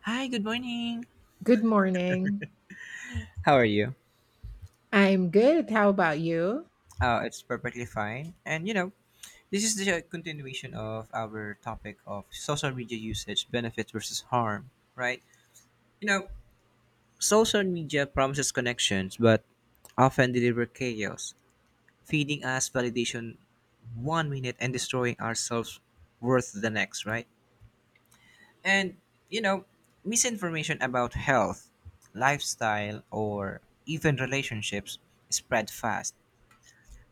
Hi, good morning. Good morning. How are you? I'm good. How about you? It's perfectly fine. And you know, this is the continuation of our topic of social media usage, benefits versus harm, right? You know, social media promises connections, but often deliver chaos, feeding us validation one minute and destroying ourselves worth the next, right? And you know, misinformation about health, lifestyle, or even relationships spread fast.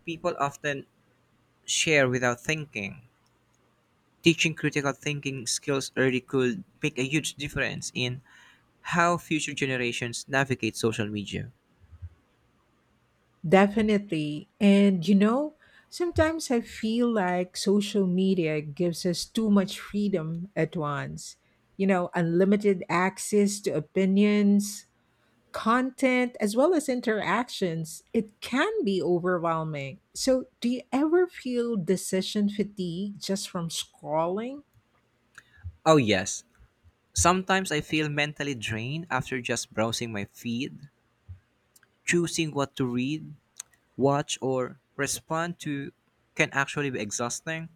People often share without thinking. Teaching critical thinking skills early could make a huge difference in how future generations navigate social media. Definitely. And you know, sometimes I feel like social media gives us too much freedom at once. You know, unlimited access to opinions, content, as well as interactions. It can be overwhelming. So, do you ever feel decision fatigue just from scrolling? Oh, yes. Sometimes I feel mentally drained after just browsing my feed. Choosing what to read, watch, or respond to can actually be exhausting.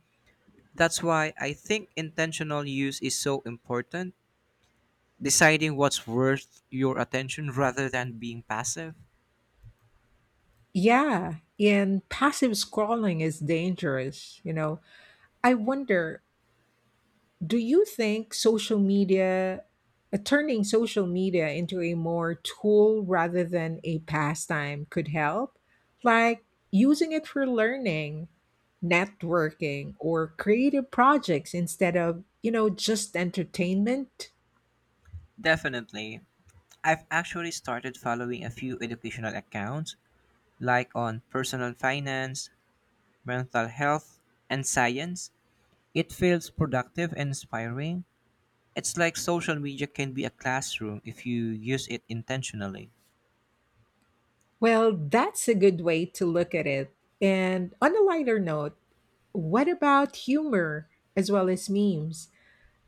That's why I think intentional use is so important. Deciding what's worth your attention rather than being passive. Yeah. And passive scrolling is dangerous, you know. I wonder, do you think social media, turning social media into a more tool rather than a pastime, could help, like using it for learning, networking, or creative projects instead of, you know, just entertainment? Definitely. I've actually started following a few educational accounts, like on personal finance, mental health, and science. It feels productive and inspiring. It's like social media can be a classroom if you use it intentionally. Well, that's a good way to look at it. And on a lighter note, what about humor as well as memes?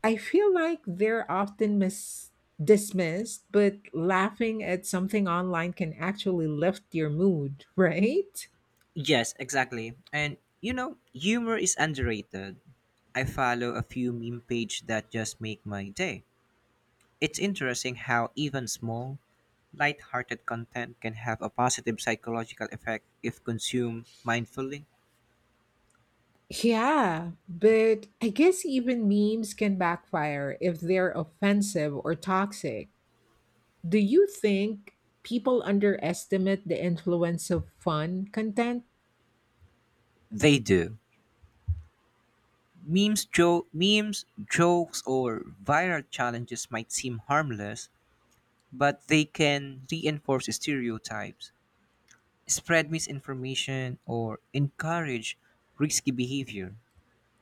I feel like they're often dismissed, but laughing at something online can actually lift your mood, right? Yes, exactly. And you know, humor is underrated. I follow a few meme page that just make my day. It's interesting how even small, light-hearted content can have a positive psychological effect if consumed mindfully. Yeah, but I guess even memes can backfire if they're offensive or toxic. Do you think people underestimate the influence of fun content? They do. Memes, jokes, or viral challenges might seem harmless, but they can reinforce stereotypes, spread misinformation, or encourage risky behavior.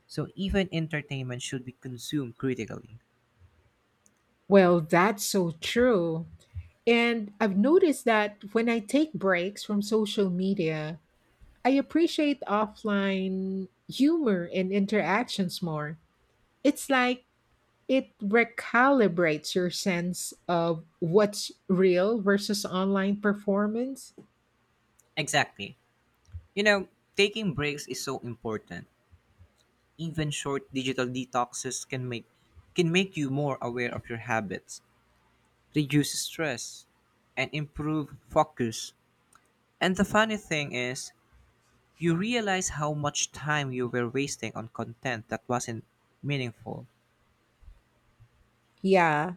So even entertainment should be consumed critically. Well, that's so true. And I've noticed that when I take breaks from social media, I appreciate offline humor and interactions more. It's like it recalibrates your sense of what's real versus online performance. Exactly. You know, taking breaks is so important. Even short digital detoxes can make you more aware of your habits, reduce stress, and improve focus. And the funny thing is, you realize how much time you were wasting on content that wasn't meaningful. Yeah,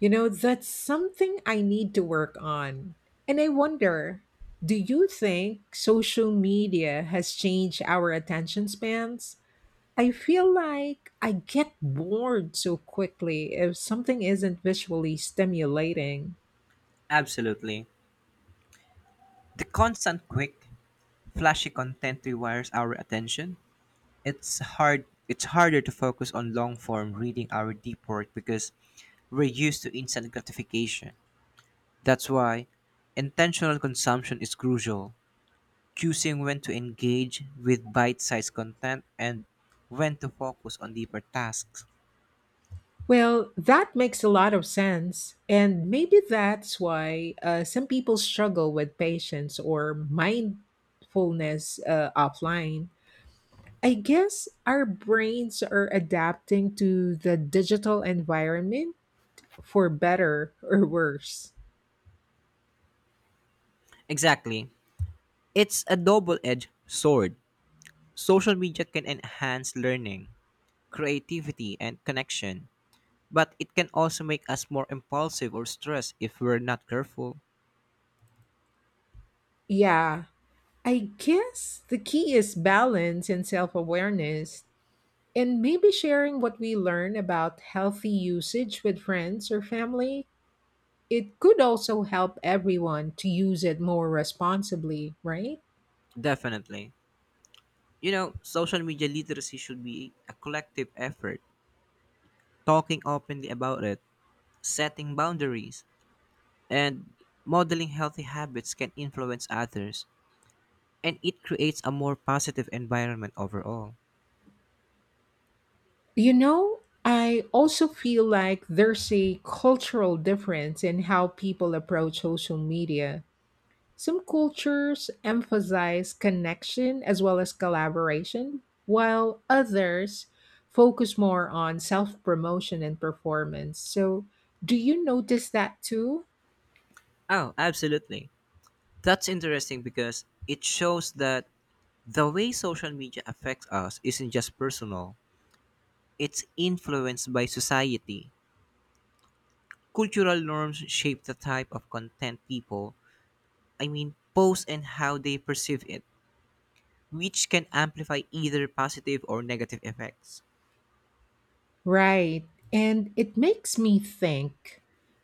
you know, that's something I need to work on. And I wonder, do you think social media has changed our attention spans? I feel like I get bored so quickly if something isn't visually stimulating. Absolutely. The constant quick, flashy content rewires our attention. It's harder to focus on long form reading our deep work because we're used to instant gratification. That's why intentional consumption is crucial, choosing when to engage with bite sized content and when to focus on deeper tasks. Well, that makes a lot of sense. And maybe that's why some people struggle with patience or mindfulness offline. I guess our brains are adapting to the digital environment, for better or worse. Exactly. It's a double edged sword. Social media can enhance learning, creativity, and connection, but it can also make us more impulsive or stressed if we're not careful. Yeah, I guess the key is balance and self awareness, and maybe sharing what we learn about healthy usage with friends or family, it could also help everyone to use it more responsibly, right? Definitely. You know, social media literacy should be a collective effort, talking openly about it, setting boundaries, and modeling healthy habits can influence others and it creates a more positive environment overall. You know, I also feel like there's a cultural difference in how people approach social media. Some cultures emphasize connection as well as collaboration, while others focus more on self promotion and performance. So, do you notice that too? Oh, absolutely. That's interesting because it shows that the way social media affects us isn't just personal, it's influenced by society. Cultural norms shape the type of content people, I mean, post and how they perceive it, which can amplify either positive or negative effects. Right. And it makes me think,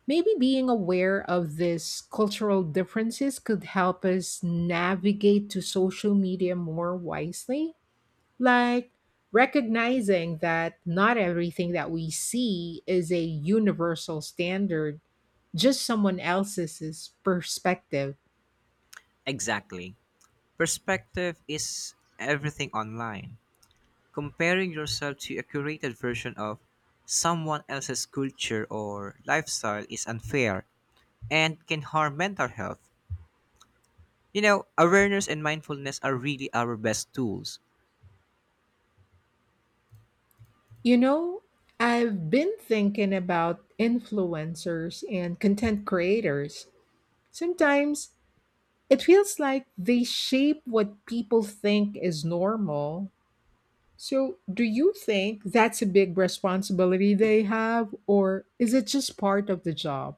maybe being aware of these cultural differences could help us navigate to social media more wisely, like recognizing that not everything that we see is a universal standard, just someone else's perspective. Exactly. Perspective is everything online. Comparing yourself to a curated version of someone else's culture or lifestyle is unfair and can harm mental health. You know, awareness and mindfulness are really our best tools. You know, I've been thinking about influencers and content creators. Sometimes it feels like they shape what people think is normal. So, do you think that's a big responsibility they have, or is it just part of the job?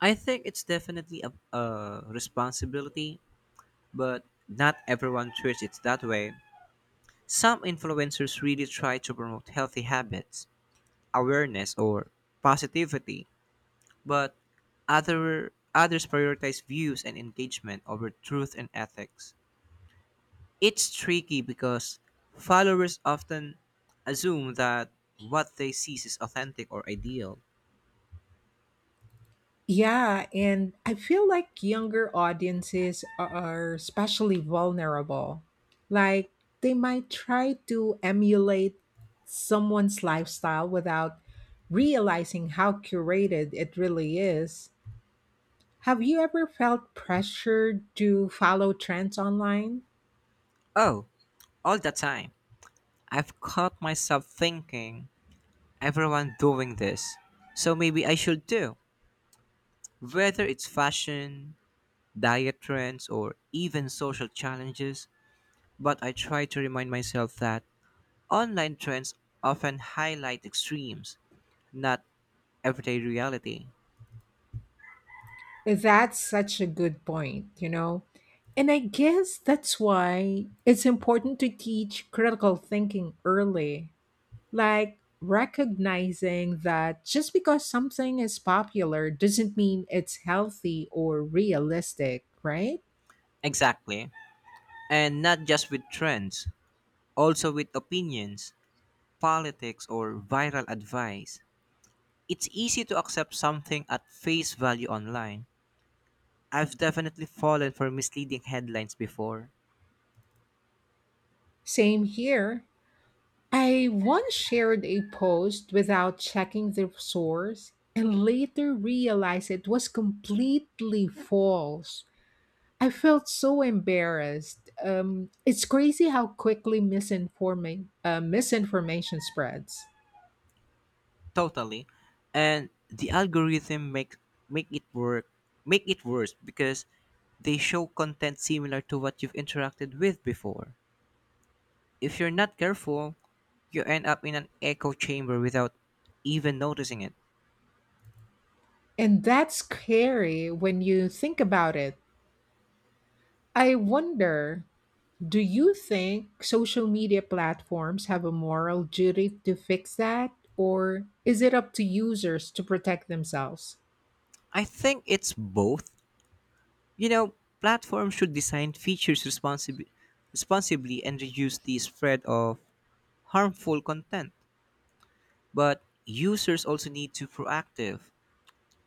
I think it's definitely a responsibility, but not everyone treats it that way. Some influencers really try to promote healthy habits, awareness, or positivity, but others prioritize views and engagement over truth and ethics. It's tricky because followers often assume that what they see is authentic or ideal. Yeah, and I feel like younger audiences are especially vulnerable. Like, they might try to emulate someone's lifestyle without realizing how curated it really is. Have you ever felt pressured to follow trends online? Oh, all the time. I've caught myself thinking, everyone doing this, so maybe I should too. Whether it's fashion, diet trends, or even social challenges, but I try to remind myself that online trends often highlight extremes, not everyday reality. That's such a good point, you know? And I guess that's why it's important to teach critical thinking early, like recognizing that just because something is popular doesn't mean it's healthy or realistic, right? Exactly. And not just with trends, also with opinions, politics, or viral advice. It's easy to accept something at face value online. I've definitely fallen for misleading headlines before. Same here. I once shared a post without checking the source and later realized it was completely false. I felt so embarrassed. It's crazy how quickly misinformation spreads. Totally. And the algorithm make it work make it worse because they show content similar to what you've interacted with before. If you're not careful, you end up in an echo chamber without even noticing it. And that's scary when you think about it. I wonder, do you think social media platforms have a moral duty to fix that? Or is it up to users to protect themselves? I think it's both. You know, platforms should design features responsibly and reduce the spread of harmful content. But users also need to proactive,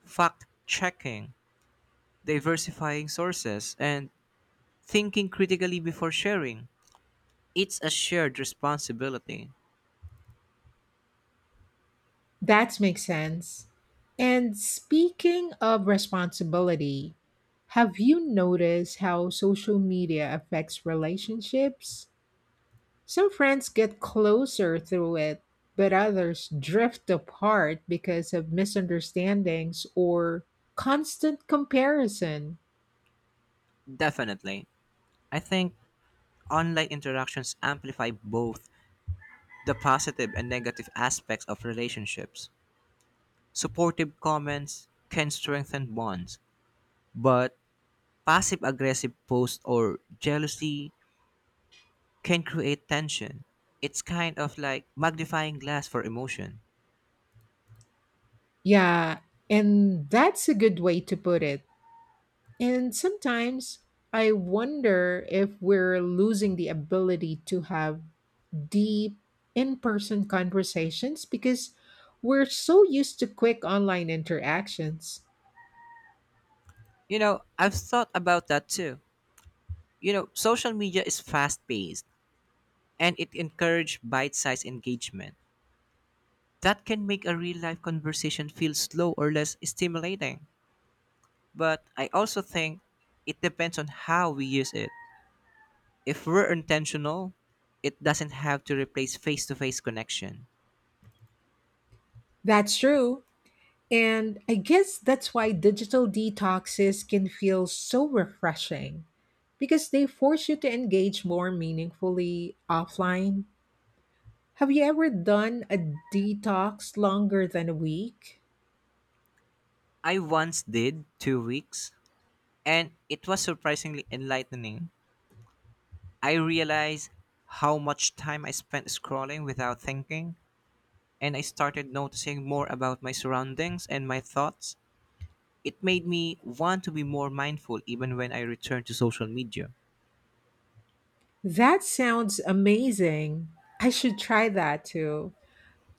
fact checking, diversifying sources, and thinking critically before sharing. It's a shared responsibility. That makes sense. And speaking of responsibility, have you noticed how social media affects relationships? Some friends get closer through it, but others drift apart because of misunderstandings or constant comparison. Definitely. I think online interactions amplify both the positive and negative aspects of relationships. Supportive comments can strengthen bonds, but passive aggressive posts or jealousy can create tension. It's kind of like magnifying glass for emotion. Yeah, and that's a good way to put it. And sometimes I wonder if we're losing the ability to have deep in person conversations because we're so used to quick online interactions. You know, I've thought about that too. You know, social media is fast paced and it encourages bite sized engagement. That can make a real life conversation feel slow or less stimulating. But I also think it depends on how we use it. If we're intentional, it doesn't have to replace face to face connection. That's true. And I guess that's why digital detoxes can feel so refreshing, because they force you to engage more meaningfully offline. Have you ever done a detox longer than a week? I once did 2 weeks, and it was surprisingly enlightening. I realized how much time I spent scrolling without thinking, and I started noticing more about my surroundings and my thoughts. It made me want to be more mindful even when I return to social media. That sounds amazing. I should try that too.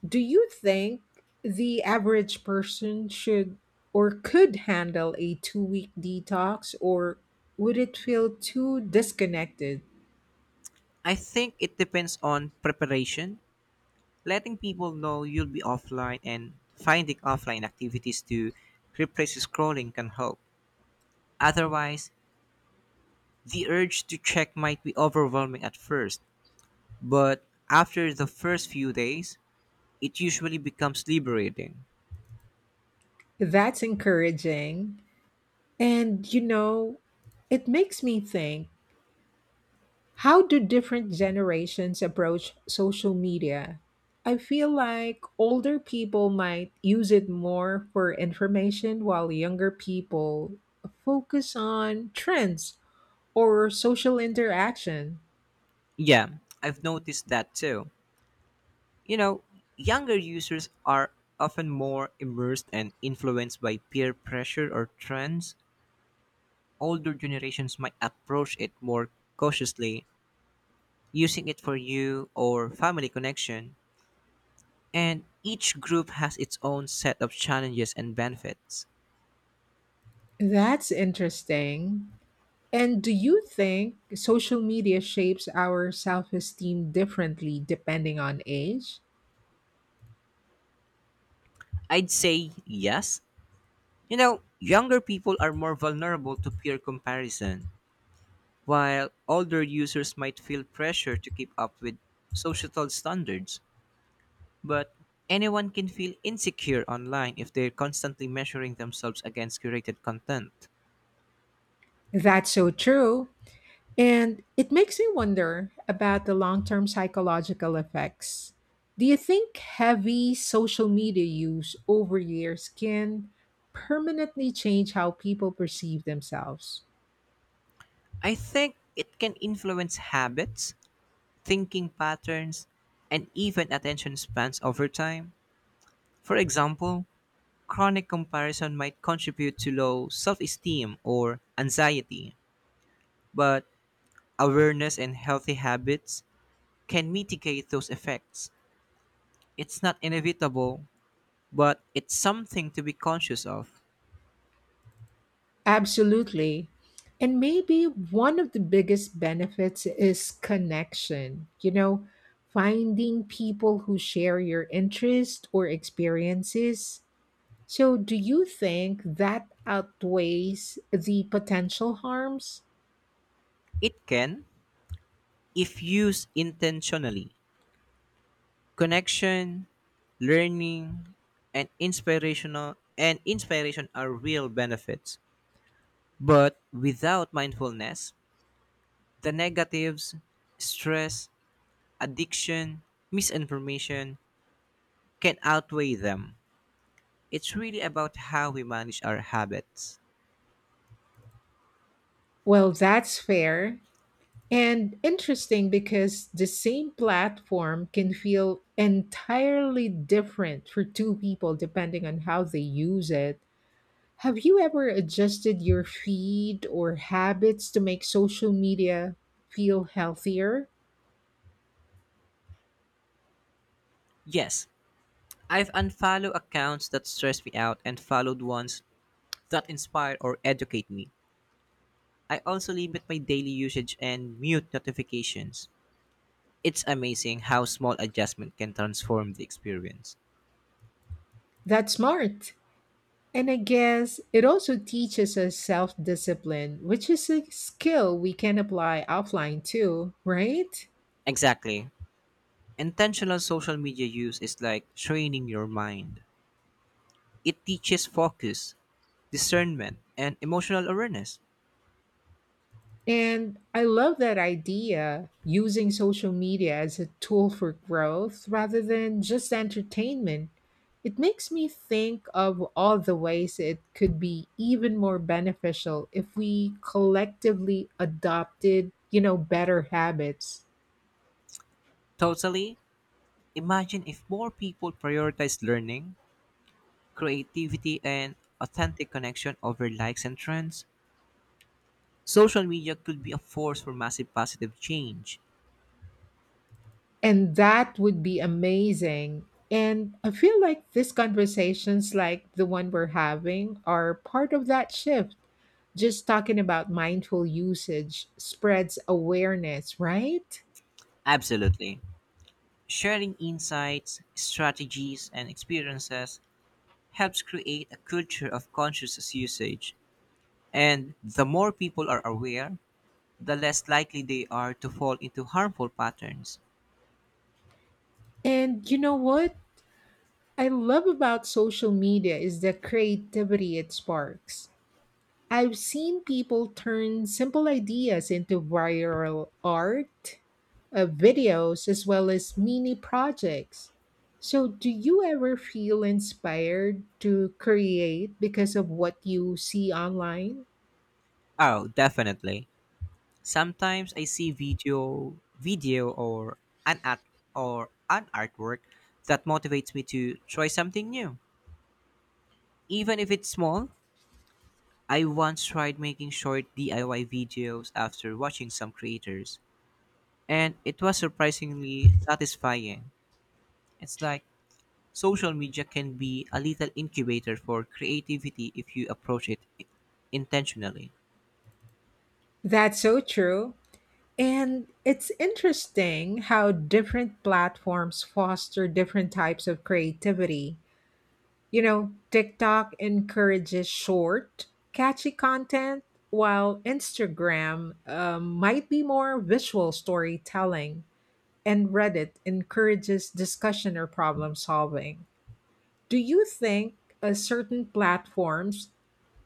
Do you think the average person should or could handle a 2 week detox, or would it feel too disconnected? I think it depends on preparation. Letting people know you'll be offline and finding offline activities to replace scrolling can help. Otherwise, the urge to check might be overwhelming at first, but after the first few days, it usually becomes liberating. That's encouraging. And, you know, it makes me think, how do different generations approach social media? I feel like older people might use it more for information, while younger people focus on trends or social interaction. Yeah, I've noticed that too. You know, younger users are often more immersed and influenced by peer pressure or trends. Older generations might approach it more cautiously using it for you or family connection, and each group has its own set of challenges and benefits. That's interesting. And do you think social media shapes our self esteem differently depending on age? I'd say yes. You know, younger people are more vulnerable to peer comparison, while older users might feel pressure to keep up with societal standards. But anyone can feel insecure online if they're constantly measuring themselves against curated content. That's so true. And it makes me wonder about the long term psychological effects. Do you think heavy social media use over years can permanently change how people perceive themselves? I think it can influence habits, thinking patterns, and even attention spans over time. For example, chronic comparison might contribute to low self esteem or anxiety, but awareness and healthy habits can mitigate those effects. It's not inevitable, but it's something to be conscious of. Absolutely. And maybe one of the biggest benefits is connection. You know, finding people who share your interest or experiences. So, do you think that outweighs the potential harms? It can, if used intentionally, connection, learning, and inspirational and inspiration are real benefits. But without mindfulness, the negatives, stress, addiction, misinformation can outweigh them. It's really about how we manage our habits. Well, that's fair and interesting, because the same platform can feel entirely different for two people depending on how they use it. Have you ever adjusted your feed or habits to make social media feel healthier? Yes, I've unfollowed accounts that stress me out and followed ones that inspire or educate me. I also limit my daily usage and mute notifications. It's amazing how small adjustment can transform the experience. That's smart. And I guess it also teaches us self discipline, which is a skill we can apply offline too, right? Exactly. Intentional social media use is like training your mind. It teaches focus, discernment, and emotional awareness. And I love that idea, using social media as a tool for growth rather than just entertainment. It makes me think of all the ways it could be even more beneficial if we collectively adopted, you know, better habits. Totally, imagine if more people prioritize learning, creativity, and authentic connection over likes and trends. Social media could be a force for massive positive change. And that would be amazing. And I feel like these conversations, like the one we're having, are part of that shift. Just talking about mindful usage spreads awareness, right? Absolutely. Sharing insights, strategies, and experiences helps create a culture of conscious usage. And the more people are aware, the less likely they are to fall into harmful patterns. And you know what I love about social media is the creativity it sparks. I've seen people turn simple ideas into viral art, videos, as well as mini projects. So, do you ever feel inspired to create because of what you see online? Oh, definitely. Sometimes I see video or an art an artwork that motivates me to try something new, even if it's small. I once tried making short DIY videos after watching some creators, and it was surprisingly satisfying. It's like social media can be a little incubator for creativity if you approach it intentionally. That's so true. And it's interesting how different platforms foster different types of creativity. You know, TikTok encourages short, catchy content, while Instagram might be more visual storytelling, and Reddit encourages discussion or problem solving. Do you think certain platforms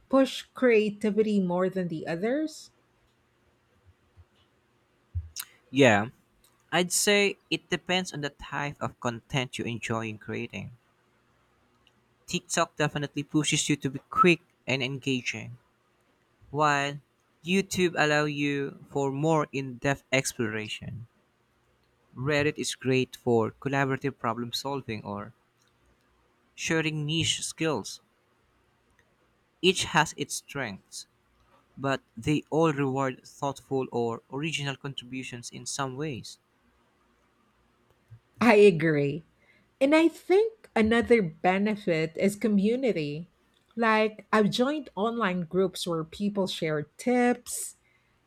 push creativity more than the others? Yeah, I'd say it depends on the type of content you enjoy in creating. TikTok definitely pushes you to be quick and engaging, while YouTube allow you for more in-depth exploration. Reddit is great for collaborative problem solving or sharing niche skills. Each has its strengths, but they all reward thoughtful or original contributions in some ways. I agree. And I think another benefit is community. Like, I've joined online groups where people share tips,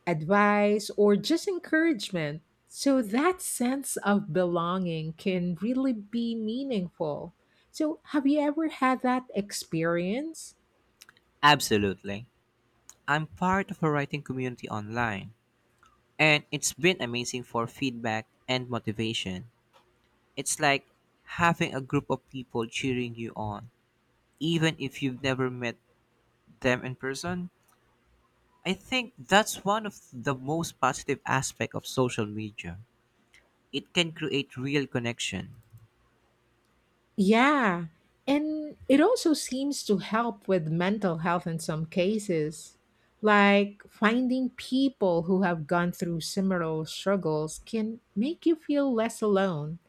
advice, or just encouragement. So, that sense of belonging can really be meaningful. So, have you ever had that experience? Absolutely. I'm part of a writing community online, and it's been amazing for feedback and motivation. It's like having a group of people cheering you on, even if you've never met them in person. I think that's one of the most positive aspect of social media. It can create real connection. Yeah, and it also seems to help with mental health in some cases. Like, finding people who have gone through similar struggles can make you feel less alone.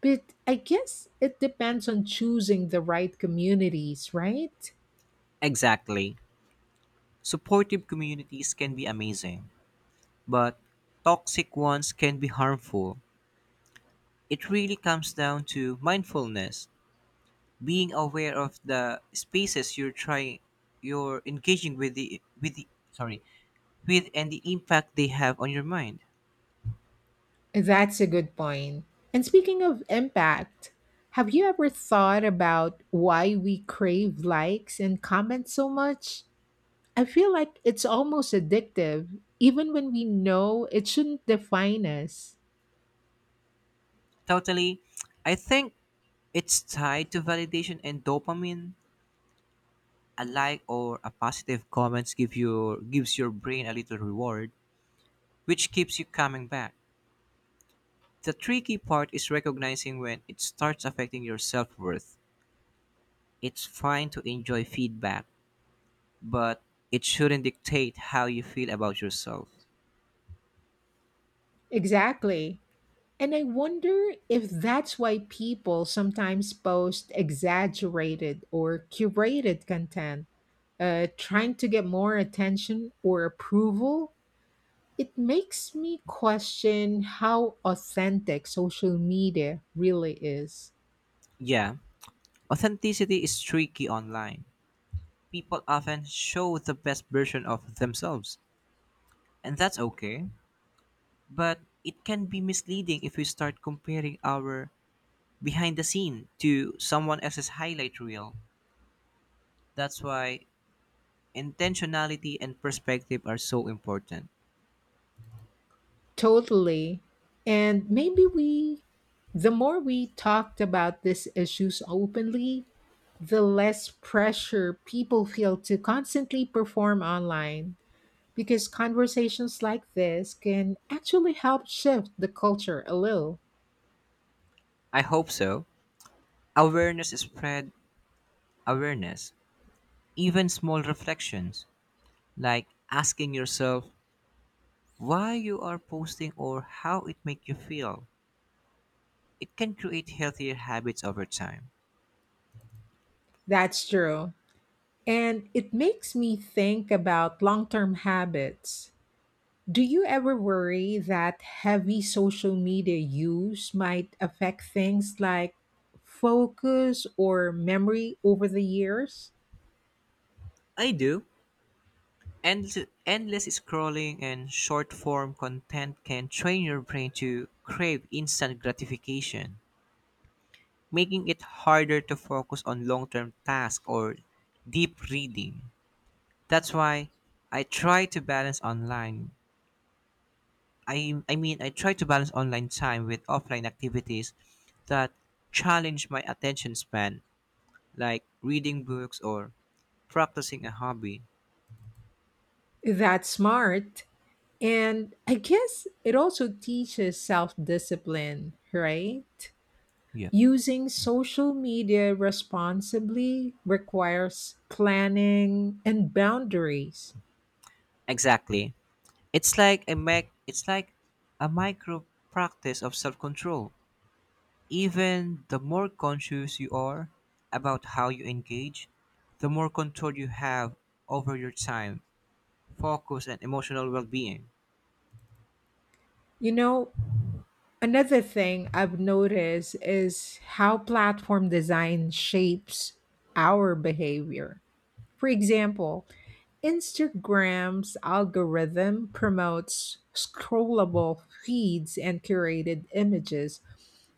But I guess it depends on choosing the right communities, right? Exactly. Supportive communities can be amazing, but toxic ones can be harmful. It really comes down to mindfulness, being aware of the spaces you're engaging with, and the impact they have on your mind. That's a good point. And speaking of impact, have you ever thought about why we crave likes and comments so much? I feel like it's almost addictive, even when we know it shouldn't define us. Totally. I think it's tied to validation and dopamine. A like or a positive comments gives your brain a little reward, which keeps you coming back. The tricky part is recognizing when it starts affecting your self-worth. It's fine to enjoy feedback, but it shouldn't dictate how you feel about yourself. Exactly. And I wonder if that's why people sometimes post exaggerated or curated content, trying to get more attention or approval. It makes me question how authentic social media really is. Yeah, authenticity is tricky online. People often show the best version of themselves, and that's okay. But it can be misleading if we start comparing our behind the scene to someone else's highlight reel. That's why intentionality and perspective are so important. Totally. And maybe the more we talked about these issues openly, the less pressure people feel to constantly perform online, because conversations like this can actually help shift the culture a little. I hope so. Awareness is spread awareness. Even small reflections, like asking yourself why you are posting or how it makes you feel, it can create healthier habits over time. That's true. And it makes me think about long term habits. Do you ever worry that heavy social media use might affect things like focus or memory over the years? I do. Endless, endless scrolling and short form content can train your brain to crave instant gratification, making it harder to focus on long term tasks or deep reading. That's why I try to balance online. I mean, I try to balance online time with offline activities that challenge my attention span, like reading books or practicing a hobby. That's smart. And I guess it also teaches self discipline, right? Yeah. Using social media responsibly requires planning and boundaries. Exactly. It's like a micro practice of self-control. Even the more conscious you are about how you engage, the more control you have over your time, focus and emotional well-being. You know, another thing I've noticed is how platform design shapes our behavior. For example, Instagram's algorithm promotes scrollable feeds and curated images,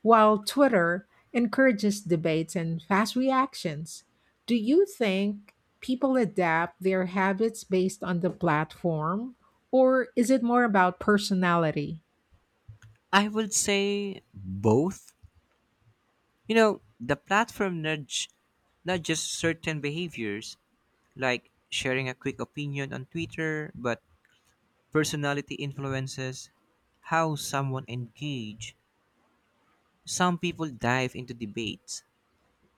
while Twitter encourages debates and fast reactions. Do you think people adapt their habits based on the platform, or is it more about personality? I would say both. You know, the platform nudges certain behaviors like sharing a quick opinion on Twitter, but personality influences how someone engage. Some people dive into debates,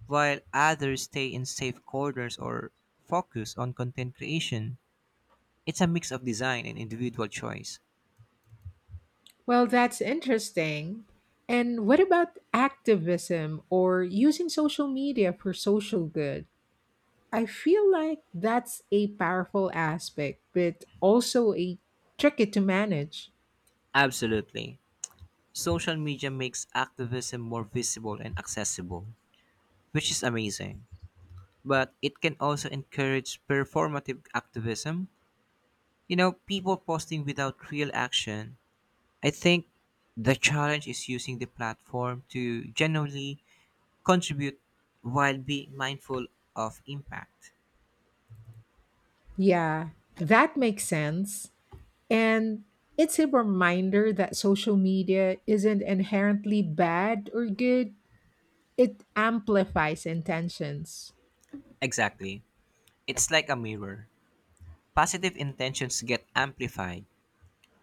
while others stay in safe corners or focus on content creation. It's a mix of design and individual choice. Well, that's interesting. And what about activism or using social media for social good? I feel like that's a powerful aspect, but also a tricky to manage. Absolutely. Social media makes activism more visible and accessible, which is amazing. But it can also encourage performative activism, you know, people posting without real action. I think the challenge is using the platform to genuinely contribute while being mindful of impact. Yeah, that makes sense. And it's a reminder that social media isn't inherently bad or good, it amplifies intentions. Exactly. It's like a mirror. Positive intentions get amplified,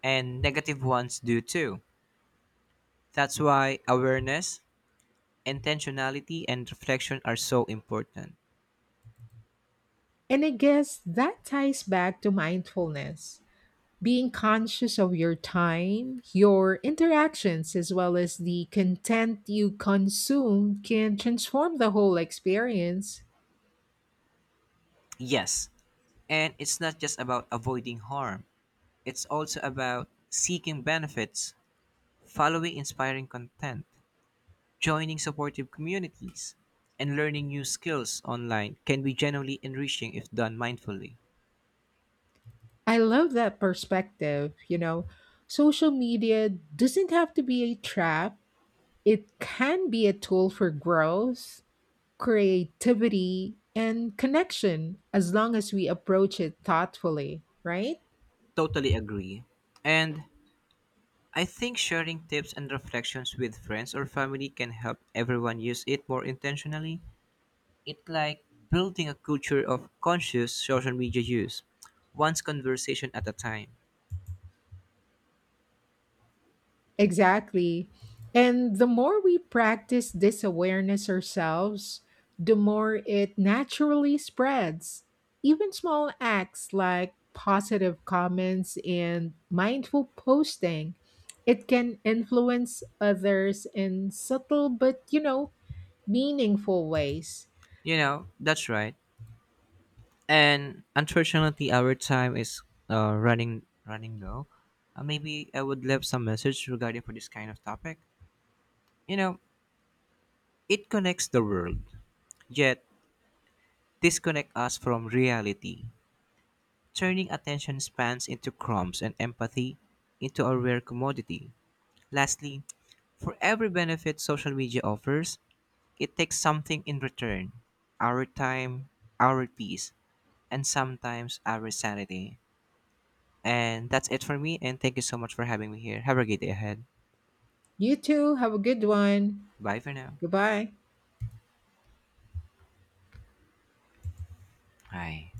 and negative ones do too. That's why awareness, intentionality, and reflection are so important. And I guess that ties back to mindfulness, being conscious of your time, your interactions, as well as the content you consume can transform the whole experience. Yes, and it's not just about avoiding harm, it's also about seeking benefits, following inspiring content, joining supportive communities and learning new skills online can be genuinely enriching if done mindfully. I love that perspective. You know, social media doesn't have to be a trap, it can be a tool for growth, creativity, and connection, as long as we approach it thoughtfully, right? Totally agree. And I think sharing tips and reflections with friends or family can help everyone use it more intentionally. It's like building a culture of conscious social media use, one's conversation at a time. Exactly. And the more we practice this awareness ourselves, the more it naturally spreads. Even small acts like positive comments and mindful posting, it can influence others in subtle but, you know, meaningful ways. You know, that's right. And unfortunately our time is running low. Maybe I would leave some message regarding for this kind of topic. You know, it connects the world, yet disconnect us from reality, turning attention spans into crumbs and empathy into a rare commodity. Lastly, for every benefit social media offers, it takes something in return. Our time, our peace, and sometimes our sanity. And that's it for me. And thank you so much for having me here. Have a great day ahead. You too, have a good one. Bye for now. Goodbye. Hi.